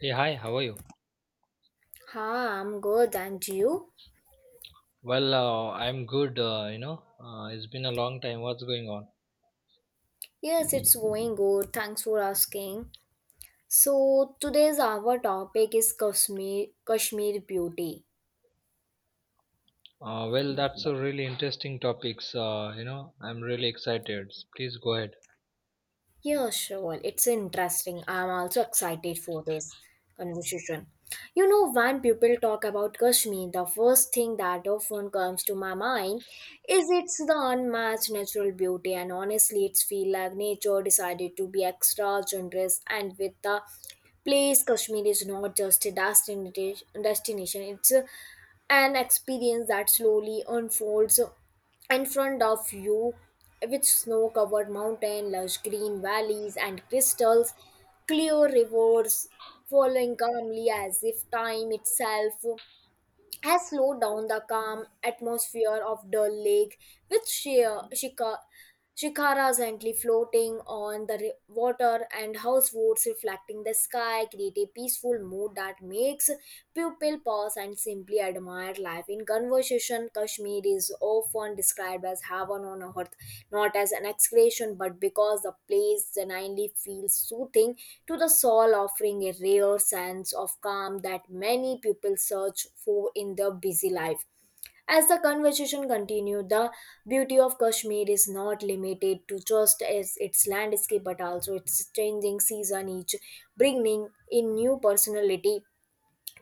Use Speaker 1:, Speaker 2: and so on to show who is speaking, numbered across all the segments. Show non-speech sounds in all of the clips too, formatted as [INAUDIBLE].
Speaker 1: Hey, hi, how are you?
Speaker 2: Hi, I'm good, and you?
Speaker 1: I'm good, it's been a long time. What's going on?
Speaker 2: Yes, it's going good. Thanks for asking. So today's our topic is Kashmir beauty.
Speaker 1: That's a really interesting topics. I'm really excited. Please go ahead.
Speaker 2: Yeah, sure. It's interesting. I'm also excited for this conversation. You know, when people talk about Kashmir, the first thing that often comes to my mind is it's the unmatched natural beauty, and honestly, it's feel like nature decided to be extra generous and with the place. Kashmir is not just a destination. An experience that slowly unfolds in front of you with snow covered mountains, lush green valleys and crystals clear rivers flowing calmly as if time itself has slowed down. The calm atmosphere of the lake with sheer shika- shikaras gently floating on the water and houseboats reflecting the sky create a peaceful mood that makes people pause and simply admire life. In conversation, Kashmir is often described as heaven on earth, not as an excretion, but because the place genuinely feels soothing to the soul, offering a rare sense of calm that many people search for in their busy life. As the conversation continued, the beauty of Kashmir is not limited to just as its landscape but also its changing season, each bringing in new personality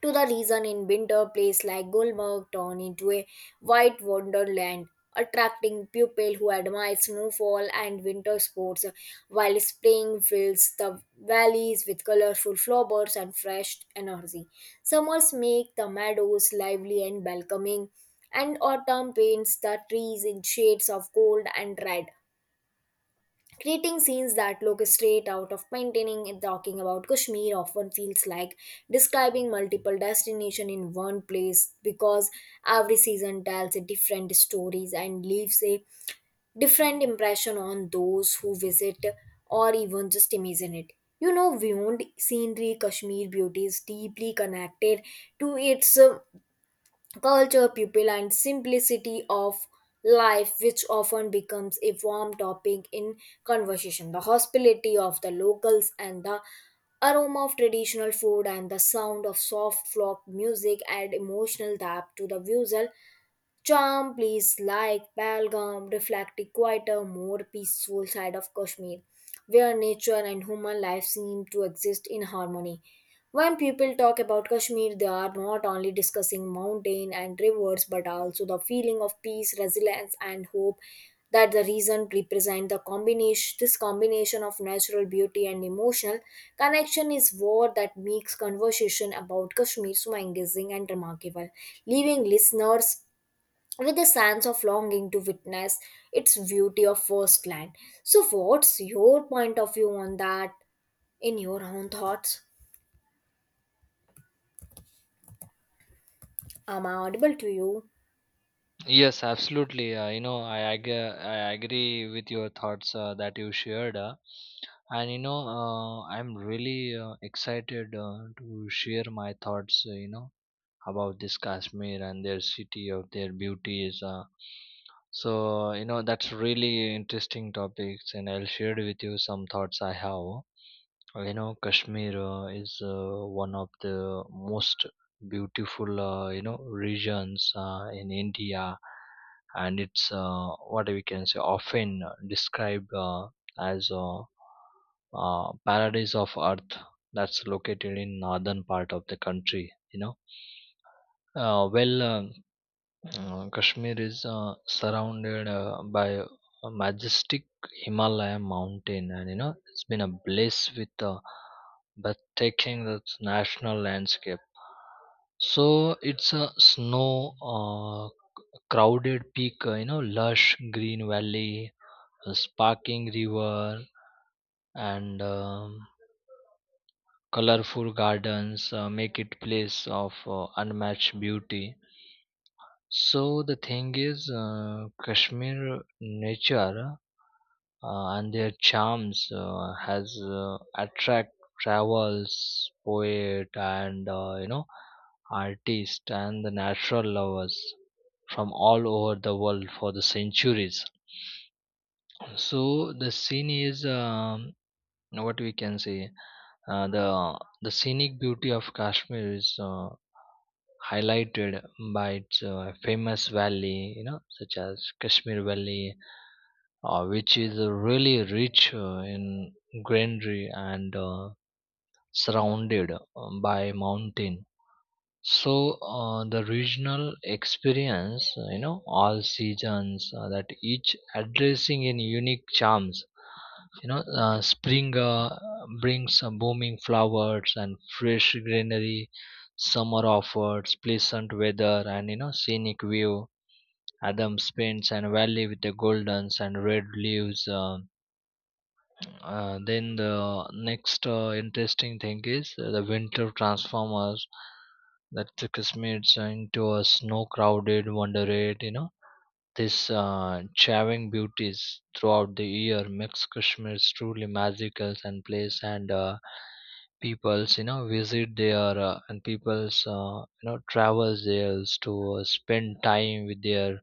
Speaker 2: to the reason. In winter, place like Gulmarg turned into a white wonderland, attracting pupil who admire snowfall and winter sports, while spring fills the valleys with colorful flowers and fresh energy, summers make the meadows lively and welcoming, and autumn paints the trees in shades of gold and red, creating scenes that look straight out of painting. And talking about Kashmir often feels like describing multiple destinations in one place, because every season tells a different stories and leaves a different impression on those who visit or even just imagine it. You know, beyond scenery, Kashmir beauty is deeply connected to its culture, pupil, and simplicity of life, which often becomes a warm topic in conversation. The hospitality of the locals and the aroma of traditional food and the sound of soft folk music add emotional depth to the visual charm. Places like Pahalgam reflect a quieter, more peaceful side of Kashmir, where nature and human life seem to exist in harmony. When people talk about Kashmir, they are not only discussing mountain and rivers, but also the feeling of peace, resilience, and hope that the region represent. The combination, this combination of natural beauty and emotional connection is what that makes conversation about Kashmir so engaging and remarkable, leaving listeners with a sense of longing to witness its beauty of firsthand. So, what's your point of view on that, in your own thoughts? Am I audible to you?
Speaker 1: Yes, absolutely. I agree with your thoughts that you shared. I'm really excited to share my thoughts, about this Kashmir and their city of their beauties. So you know that's really interesting topics, and I'll share with you some thoughts I have. You know, Kashmir is one of the most beautiful you know regions in India, and it's what we can say often described as a paradise of earth that's located in northern part of the country. Uh, well, um, Kashmir is surrounded by a majestic Himalaya mountain, and you know it's been a bliss with breathtaking the national landscape. So it's a snow crowded peak, you know, lush green valley, a sparkling river, and colorful gardens make it place of unmatched beauty. So the thing is, Kashmir nature and their charms has attract travels, poet, and artists and the natural lovers from all over the world for the centuries. So the scene is what we can say. The scenic beauty of Kashmir is highlighted by its famous valley, you know, such as Kashmir Valley, which is really rich in greenery and surrounded by mountain. So the regional experience, all seasons that each addressing in unique charms, spring brings blooming flowers and fresh greenery. Summer offers pleasant weather and you know scenic view. Adam's spends and valley with the goldens and red leaves. Then the next interesting thing is the winter transformers that took us into a snow crowded wonderland. You know these towering beauties throughout the year makes Kashmir truly magical and place, and peoples you know visit there, and peoples travels there to spend time with their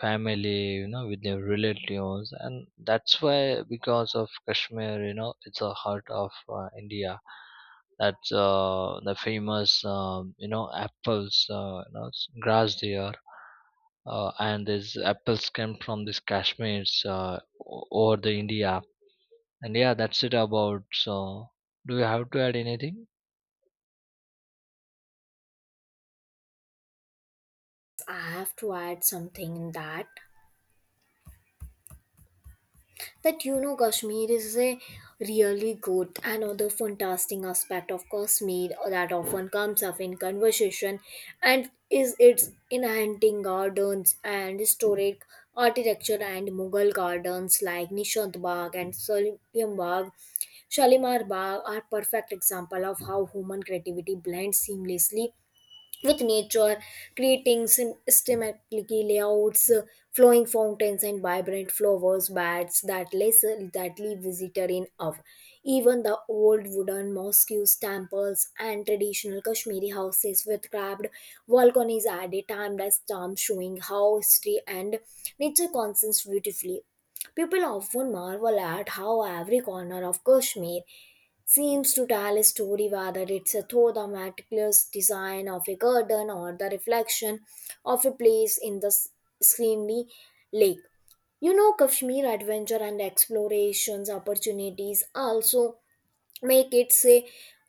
Speaker 1: family, you know, with their relatives, and that's why. Because of Kashmir, you know, it's a heart of India. That's the famous you know apples you know s- grass there. And these apples came from this Kashmir's over the India. And yeah, that's it about. So do you have to add anything?
Speaker 2: I have to add something in that. That you know, Kashmir is a really good, another fantastic aspect of Kashmir that often comes up in conversation, and is its enchanting gardens and historic architecture. And Mughal gardens like Nishant Bagh and Salim Bagh, Shalimar Bagh are perfect example of how human creativity blends seamlessly with nature, creating systematic layouts, flowing fountains and vibrant flowers beds that lace that leave visitor in awe. Even the old wooden mosques, temples and traditional Kashmiri houses with carved balconies add a timeless charm, showing how history and nature consists beautifully. People often marvel at how every corner of Kashmir seems to tell a story, whether it's a through the meticulous design of a garden or the reflection of a place in the screenly lake. You know, Kashmir adventure and explorations opportunities also make it a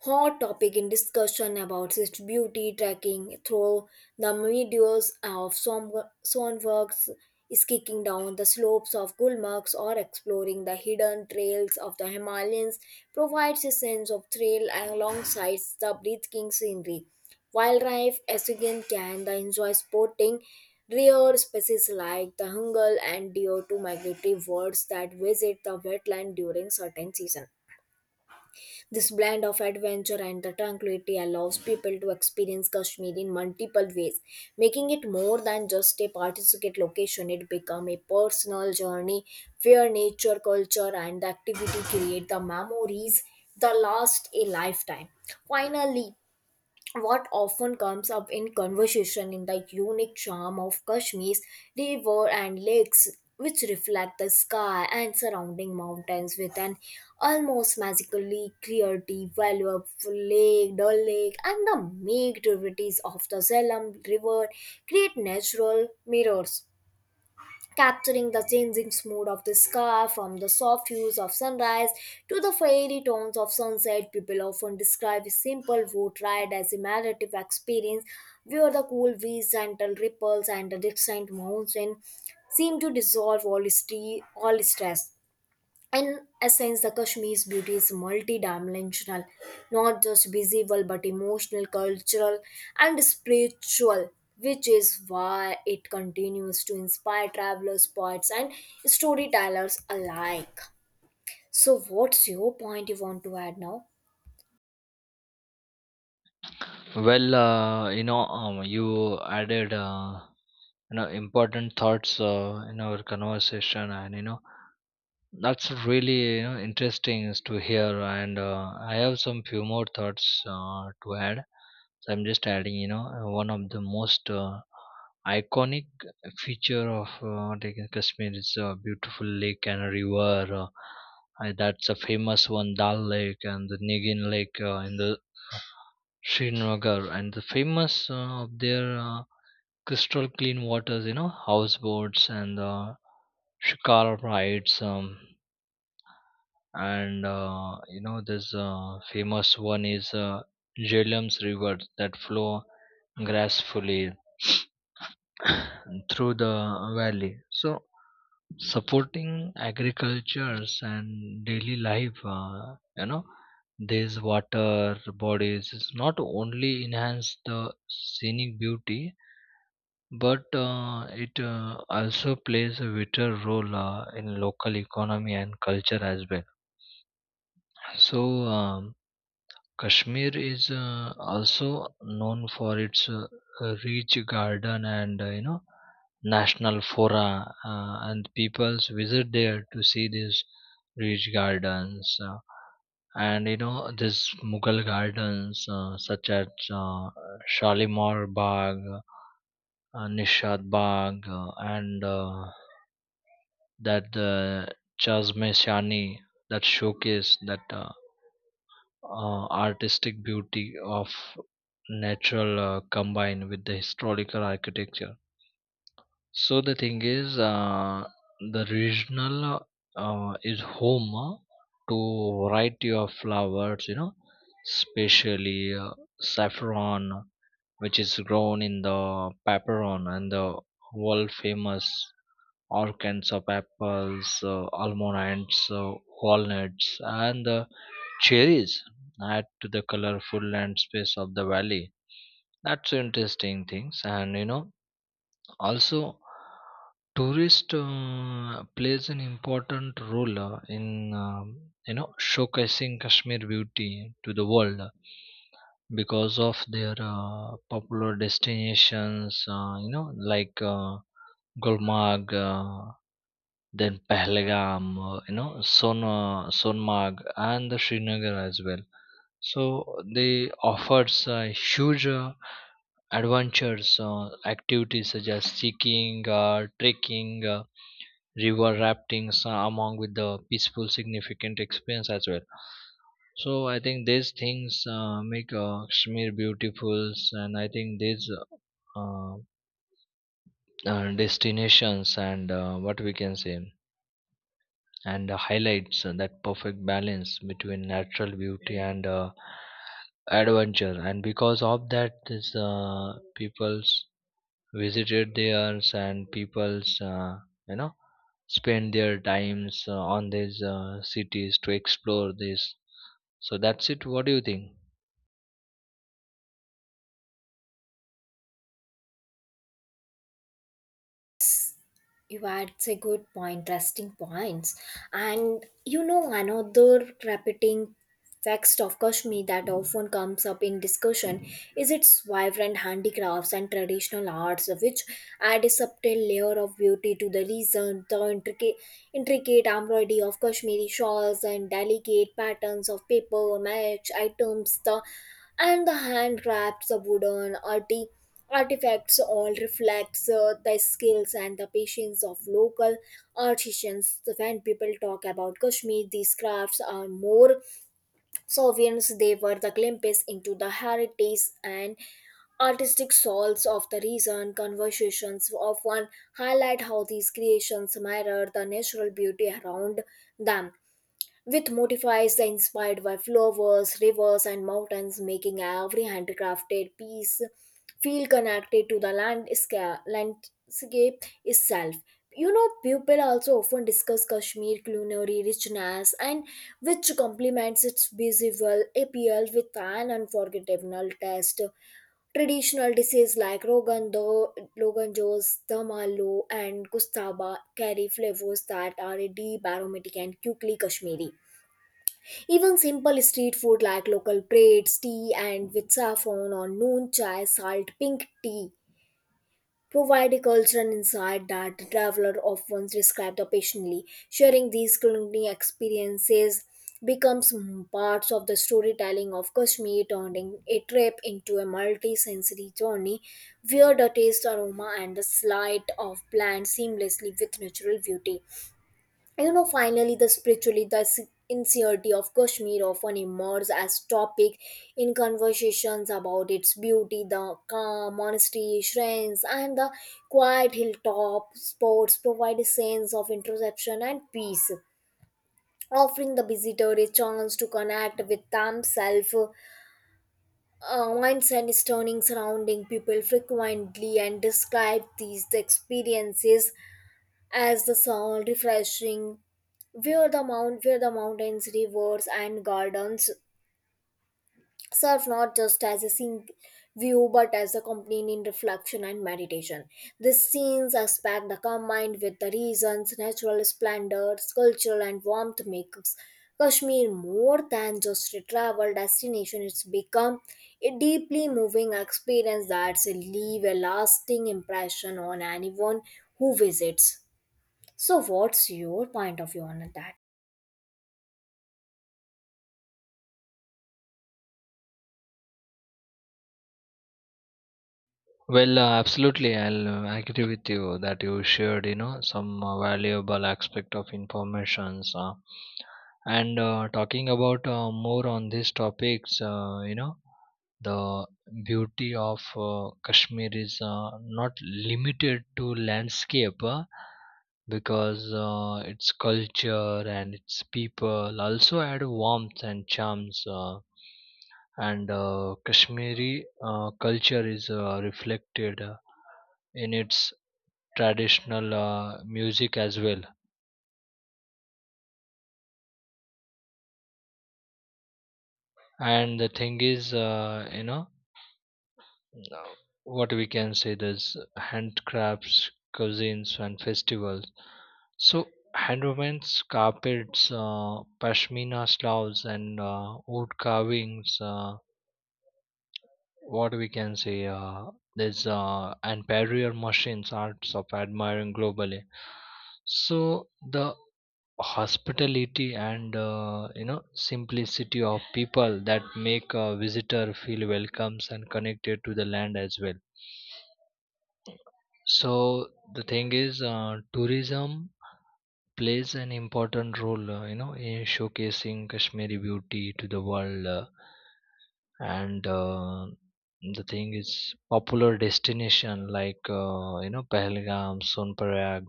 Speaker 2: hot topic in discussion about its beauty. Tracking through the videos of Sonworks, skiing down the slopes of Gulmargs or exploring the hidden trails of the Himalayas provides a sense of thrill alongside the breathtaking scenery. Wildlife Assyrian can the enjoy sporting rare species like the hungal and deer to migratory birds that visit the wetland during certain season. This blend of adventure and the tranquility allows people to experience Kashmir in multiple ways, making it more than just a participate location. It becomes a personal journey where nature, culture, and activity create the memories that last a lifetime. Finally, what often comes up in conversation in the unique charm of Kashmir's river and lakes, which reflect the sky and surrounding mountains with an almost magically clarity. Valuable lake, Dal lake, and the meek tributaries of the Zalem River create natural mirrors, capturing the changing mood of the sky from the soft hues of sunrise to the fiery tones of sunset. People often describe a simple boat ride as a meditative experience, where the cool breeze, gentle ripples, and the distant mountain seem to dissolve all stress. In essence, the Kashmir's beauty is multidimensional, not just visible but emotional, cultural, and spiritual, which is why it continues to inspire travelers, poets, and storytellers alike. So, what's your point you want to add now?
Speaker 1: Well, you added you know important thoughts in our conversation, and you know that's really, you know, interesting is to hear, and I have some few more thoughts to add. So I'm just adding, you know, one of the most iconic feature of taking Kashmir is a beautiful lake and a river. That's a famous one, Dal Lake and the Negin Lake in the Srinagar, and the famous of their crystal clean waters, you know, houseboats and shikar rides. And you know this famous one is Jhelum's river that flow gracefully [COUGHS] [SNIFFS] through the valley, so supporting agricultures and daily life. These water bodies is not only enhance the scenic beauty, but it also plays a vital role in local economy and culture as well. So um, Kashmir is also known for its rich garden and national flora, and peoples visit there to see these rich gardens. And you know these Mughal gardens such as uh, Shalimar Bagh, Nishad Bagh, and that the Chazme Shani, that showcase that artistic beauty of natural combined with the historical architecture. So the thing is, the regional is home to variety of flowers, you know, especially saffron, which is grown in the Paperon, and the world famous all kinds of apples, almonds, walnuts, and cherries add to the colorful landscape of the valley. That's interesting things, and you know, also tourist plays an important role in showcasing Kashmir beauty to the world, because of their popular destinations. Like Gulmarg. Then Pahalgam, Sonmarg, and the Srinagar as well. So they offers huge adventures, activities such as skiing, trekking, river raftings, among with the peaceful, significant experience as well. So I think these things make Kashmir beautiful, and I think these uh, destinations and what we can say and highlights that perfect balance between natural beauty and adventure, and because of that this people's visited theirs, and people's you know spend their times on these cities to explore this. So that's it. What do you think?
Speaker 2: You had a good point, interesting points. And you know, another repeating text of Kashmir that often comes up in discussion is its vibrant handicrafts and traditional arts, which add a subtle layer of beauty to the region. The intricate embroidery of Kashmiri shawls and delicate patterns of paper, match items, the and the handcrafts, the wooden artifacts all reflects the skills and the patience of local artisans. So when people talk about Kashmir, these crafts are more sovereigns. They were the glimpse into the heritage and artistic souls of the region. Conversations often highlight how these creations mirror the natural beauty around them, with motifs inspired by flowers, rivers, and mountains, making every handcrafted piece feel connected to the landscape itself. You know, people also often discuss Kashmir culinary richness and which complements its visual appeal with an unforgettable taste. Traditional dishes like Rogan Josh, Damalo, and Gustaba carry flavors that are deep, aromatic, and quickly Kashmiri. Even simple street food like local breads, tea, and with saffron or noon chai, salt, pink tea provide a cultural insight that the traveler often described occasionally. Sharing these culinary experiences becomes parts of the storytelling of Kashmir, turning a trip into a multi-sensory journey where the taste, aroma, and the sight of plants seamlessly with natural beauty. You know, finally, the spiritually, the sincerity of Kashmir often emerges as topic in conversations about its beauty. The calm monastery shrines and the quiet hilltop spots provide a sense of introspection and peace, offering the visitor a chance to connect with themselves, wines and stunning surrounding. People frequently and describe these experiences as the sound refreshing, where the mountains, rivers and gardens serve not just as a scenic view, but as a companion in reflection and meditation. These scenes aspect the combined with the reasons natural splendor, cultural and warmth makes Kashmir more than just a travel destination. It's become a deeply moving experience that leave a lasting impression on anyone who visits. So, what's your point of view on that?
Speaker 1: Well, absolutely. I'll agree with you that you shared, you know, some valuable aspect of informations. And Talking about more on these topics, the beauty of Kashmir is not limited to landscape because its culture and its people also add warmth and charms. And Kashmiri culture is reflected in its traditional music as well. And the thing is, uh, what we can say, there's handcrafts, cuisines, and festivals. So handmades, carpets, pashmina sloughs, and wood carvings. What we can say, this and barrier machines arts of admiring globally. So the hospitality and simplicity of people that make a visitor feel welcomes and connected to the land as well. So the thing is, tourism plays an important role, in showcasing Kashmiri beauty to the world, and the thing is popular destination like Pahalgam, Sonparag.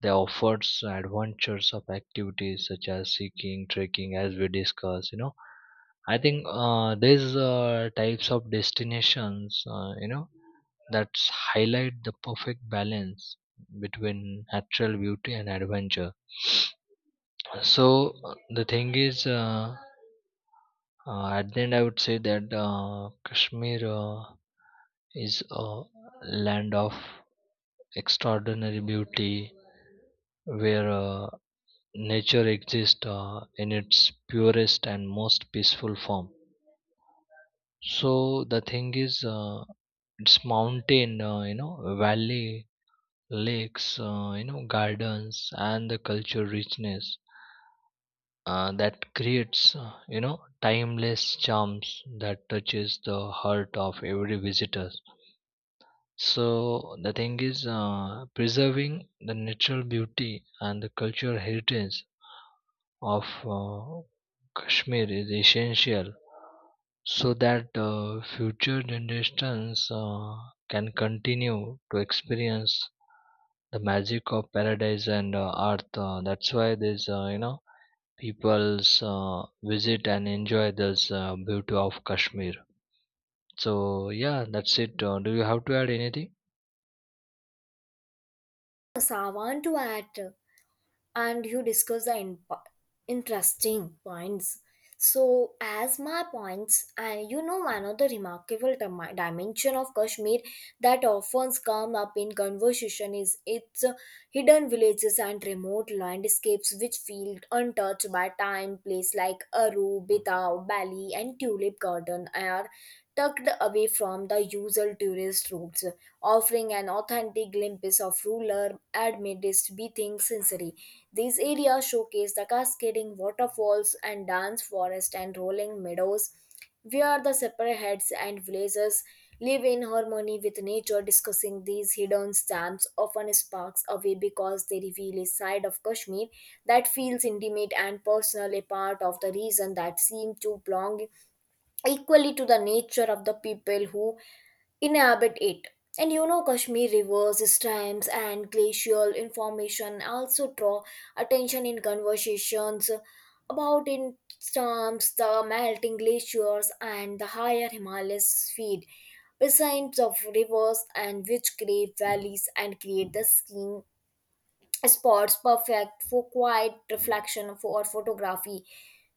Speaker 1: They offers adventures of activities such as hiking, trekking, as we discussed. You know, I think these types of destinations, that highlight the perfect balance between natural beauty and adventure. So the thing is. At the end, I would say that Kashmir is a land of extraordinary beauty where nature exists in its purest and most peaceful form. So, the thing is, it's mountain, valley, lakes, gardens, and the cultural richness that creates, timeless charms that touches the heart of every visitor. So the thing is, preserving the natural beauty and the cultural heritage of Kashmir is essential so that future generations can continue to experience the magic of paradise and earth. That's why there's, people's visit and enjoy this beauty of Kashmir. So yeah, that's it. Do you have to add anything?
Speaker 2: Yes, I want to add, and you discuss the interesting points. So, as my points, and you know, one of the remarkable dimension of Kashmir that often come up in conversation is its hidden villages and remote landscapes which feel untouched by time. Place like Aru, Bitaw, Bali, and Tulip Garden are tucked away from the usual tourist routes, offering an authentic glimpse of ruler amid its beating scenery. These areas showcase the cascading waterfalls and dense forest and rolling meadows, where the separate and villages live in harmony with nature. Discussing these hidden gems often sparks away, because they reveal a side of Kashmir that feels intimate and personal, a part of the reason that seem to belong equally to the nature of the people who inhabit it. And you know, Kashmir rivers, streams, and glacial information also draw attention in conversations about. In terms, the melting glaciers and the higher Himalayas feed basins of rivers, and which create valleys and create the skiing spots perfect for quiet reflection, for, or photography.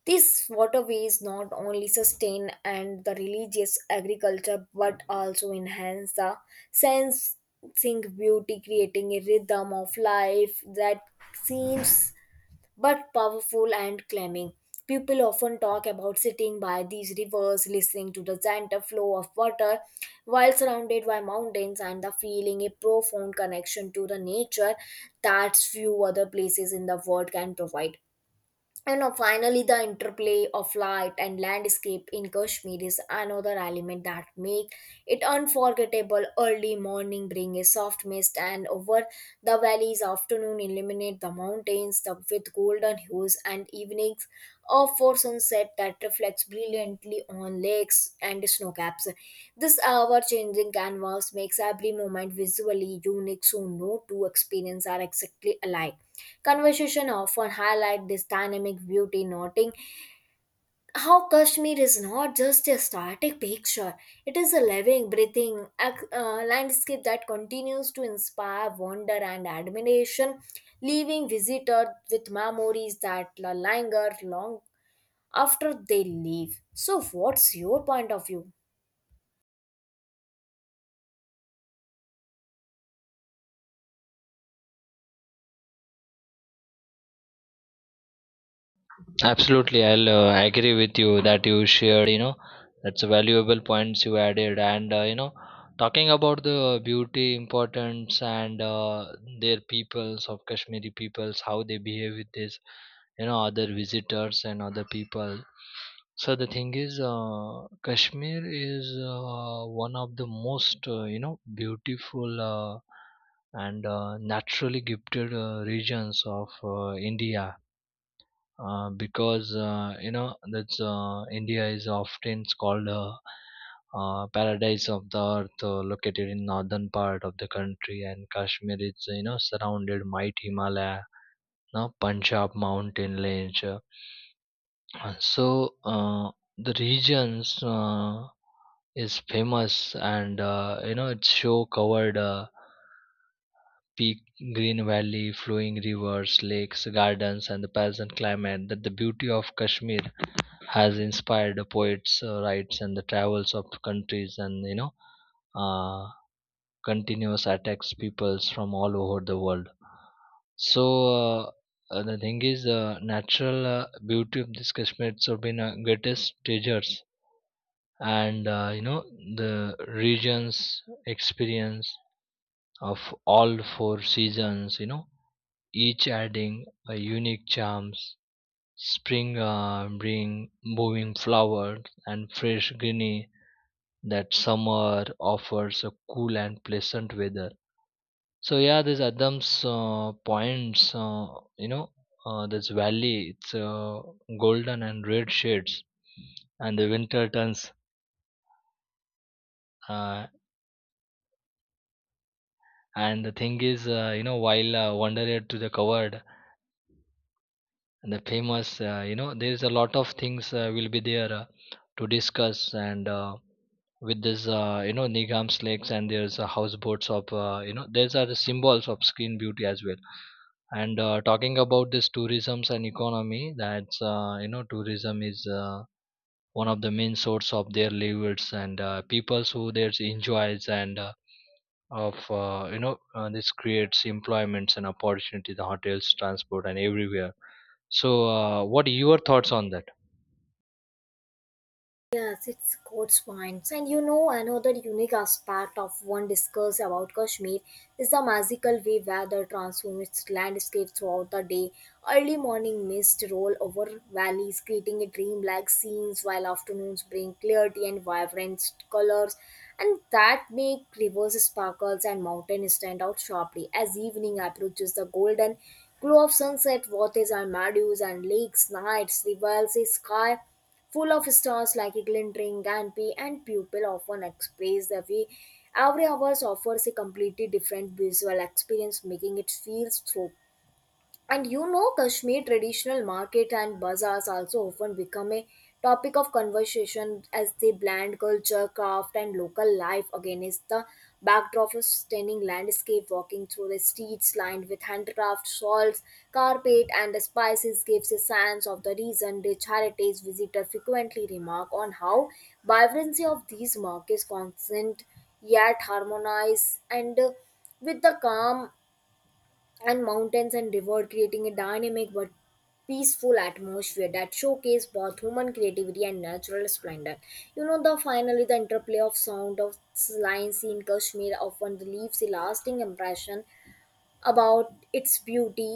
Speaker 2: These waterways not only sustain and the religious agriculture but also enhance the sensing beauty, creating a rhythm of life that seems but powerful and calming. People often talk about sitting by these rivers, listening to the gentle flow of water while surrounded by mountains, and the feeling a profound connection to the nature that few other places in the world can provide. You know, finally, the interplay of light and landscape in Kashmir is another element that make it unforgettable. Early morning bring a soft mist, and over the valleys, afternoon illuminate the mountains the, with golden hues, and evenings or for sunset that reflects brilliantly on lakes and snow caps. This hour changing canvas makes every moment visually unique, so no two experiences are exactly alike. Conversation often highlight this dynamic beauty, noting how Kashmir is not just a static picture; it is a living, breathing landscape that continues to inspire wonder and admiration, leaving visitors with memories that linger long after they leave. So, what's your point of view?
Speaker 1: Absolutely, I'll agree with you that you shared. You know, that's a valuable points you added, and talking about the beauty, importance, and their peoples of Kashmiri peoples, how they behave with this, you know, other visitors and other people. So the thing is, Kashmir is one of the most beautiful and naturally gifted regions of India, because that's India is often called a paradise of the earth, located in northern part of the country, and Kashmir is you know surrounded by Himalaya, now Punjab mountain range. So the regions is famous, and you know it's show covered. Peak, green valley, flowing rivers, lakes, gardens, and the pleasant climate, that the beauty of Kashmir has inspired the poets' rights and the travels of countries, and you know uh, continuous attacks peoples from all over the world. So the thing is, natural beauty of this Kashmir have been greatest treasures, and the regions experience of all four seasons. You know, each adding a unique charms. Spring bring blooming flowers and fresh greenery, that summer offers a cool and pleasant weather. So yeah, this Adams points, you know, this valley, it's golden and red shades, and the winter turns. Uh, and the thing is, while wandered to the covered the famous, there's a lot of things will be there to discuss, and with this Nigam's lakes, and there's houseboats of these are the symbols of screen beauty as well. And talking about this tourisms and economy, that's tourism is one of the main source of their livelihoods, and people who there's enjoys, and of you know this creates employments and opportunity, the hotels, transport, and everywhere. So, what are your thoughts on that?
Speaker 2: Yes, it's Scots wines. And you know, another unique aspect of one discuss about Kashmir is the magical way weather transforms its landscape throughout the day. Early morning mist roll over valleys, creating a dreamlike scenes, while afternoons bring clarity and vibrant colors, and that make rivers sparkles and mountains stand out sharply. As evening approaches, the golden glow of sunset waters and meadows and lakes, nights, reveals the sky full of stars like a glittering canopy, and pupil often express the way every hour offers a completely different visual experience, making it feel so. And you know, Kashmir traditional market and bazaars also often become a topic of conversation as they blend culture, craft, and local life against the backdrop of stunning landscape. Walking through the streets lined with handcraft, shawls, carpet, and spices gives a sense of the region. Rich heritage visitors frequently remark on how vibrancy of these markets constant yet harmonize and with the calm and mountains and river creating a dynamic but peaceful atmosphere that showcase both human creativity and natural splendor. You know, the finally the interplay of sound of lines in Kashmir often leaves a lasting impression about its beauty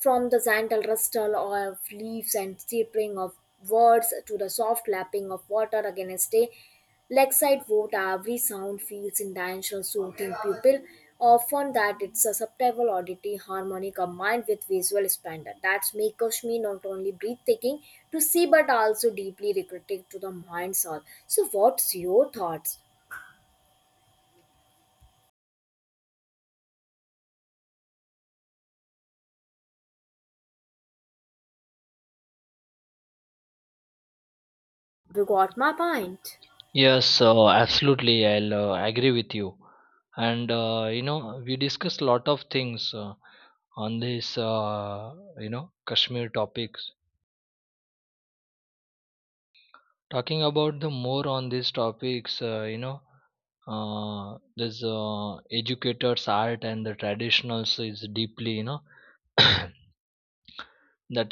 Speaker 2: from the gentle rustle of leaves and chirping of birds to the soft lapping of water against a lakeside boat, every sound feels in intentional, soothing pupil. Often that it's a subtle auditory harmony combined with visual splendor that make Kashmir not only breathtaking to see but also deeply recreative to the mind's soul. So, what's your thoughts? You got my point.
Speaker 1: Yes, absolutely. I'll agree with you. And we discussed a lot of things on this, Kashmir topics. Talking about the more on these topics, this educators' art and the traditionals is deeply, you know, [COUGHS] that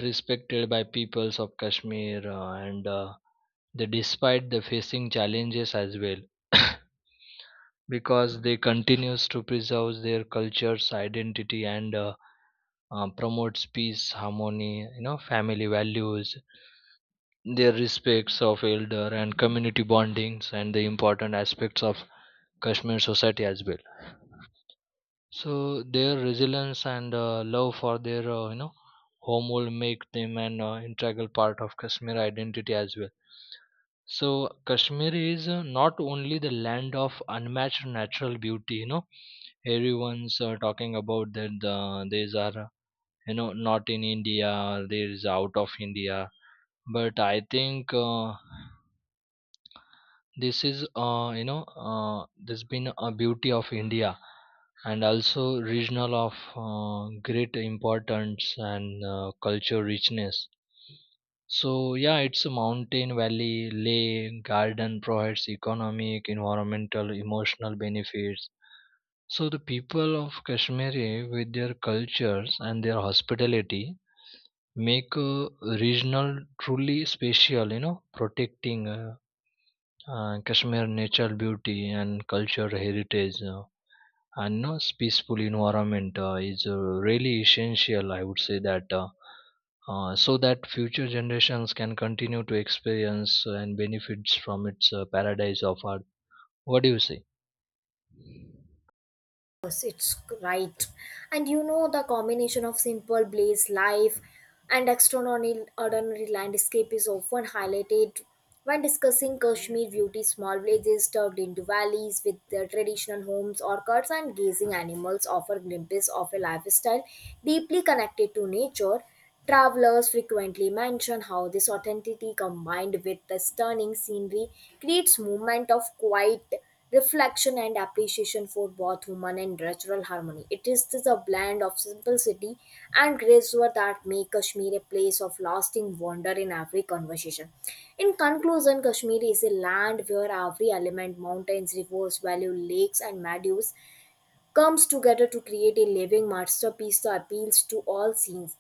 Speaker 1: respected by peoples of Kashmir, and they despite the facing challenges as well. [COUGHS] Because they continues to preserve their cultures identity, and promotes peace harmony, you know, family values, their respects of elder and community bondings, and the important aspects of Kashmir society as well. So their resilience and love for their home will make them an integral part of Kashmir identity as well. So Kashmir is not only the land of unmatched natural beauty, you know, everyone's talking about that these are, you know, not in India, these out of India. But I think this is, this been a beauty of India, and also regional of great importance and culture richness. So yeah, it's a mountain, valley, lake, garden, provides economic, environmental, emotional benefits. So the people of Kashmir with their cultures and their hospitality make regional truly special, you know, protecting Kashmir natural beauty and cultural heritage and no peaceful environment is really essential, I would say that so that future generations can continue to experience and benefits from its paradise of art. What do you say?
Speaker 2: Yes, it's right. And you know, the combination of simple blaze life and extraordinary ordinary landscape is often highlighted when discussing Kashmir beauty, small villages tucked into valleys with their traditional homes, orchards, and grazing animals offer glimpses of a lifestyle deeply connected to nature. Travelers frequently mention how this authenticity combined with the stunning scenery creates movement of quiet reflection and appreciation for both human and natural harmony. It is this a blend of simplicity and graceful that make Kashmir a place of lasting wonder in every conversation. In conclusion, Kashmir is a land where every element, mountains, rivers, valleys, lakes, and meadows comes together to create a living masterpiece that appeals to all scenes.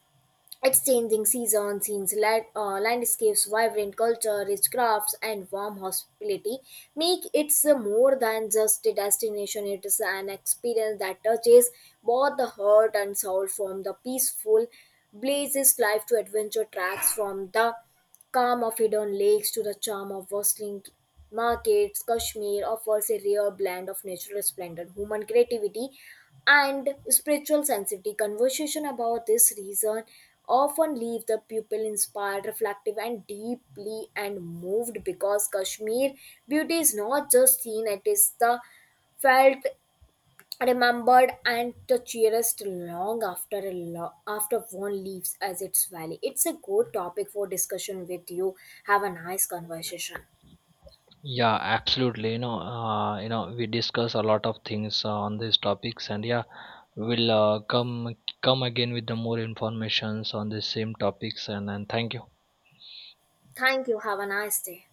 Speaker 2: Its changing seasons, scenes, landscapes, vibrant culture, rich crafts, and warm hospitality make it more than just a destination. It is an experience that touches both the heart and soul from the peaceful blazes life to adventure tracks from the calm of hidden lakes to the charm of bustling markets, Kashmir offers a rare blend of natural splendor, human creativity, and spiritual sensitivity. Conversation about this region often leave the pupil inspired, reflective, and deeply and moved because Kashmir beauty is not just seen; it is the felt remembered and the cheeriest long after one leaves as its valley. It's a good topic for discussion with you. Have a nice conversation.
Speaker 1: Yeah, absolutely. You know, we discuss a lot of things on these topics, and yeah, we'll come come again with the more informations on the same topics, and thank you.
Speaker 2: Thank you. Have a nice day.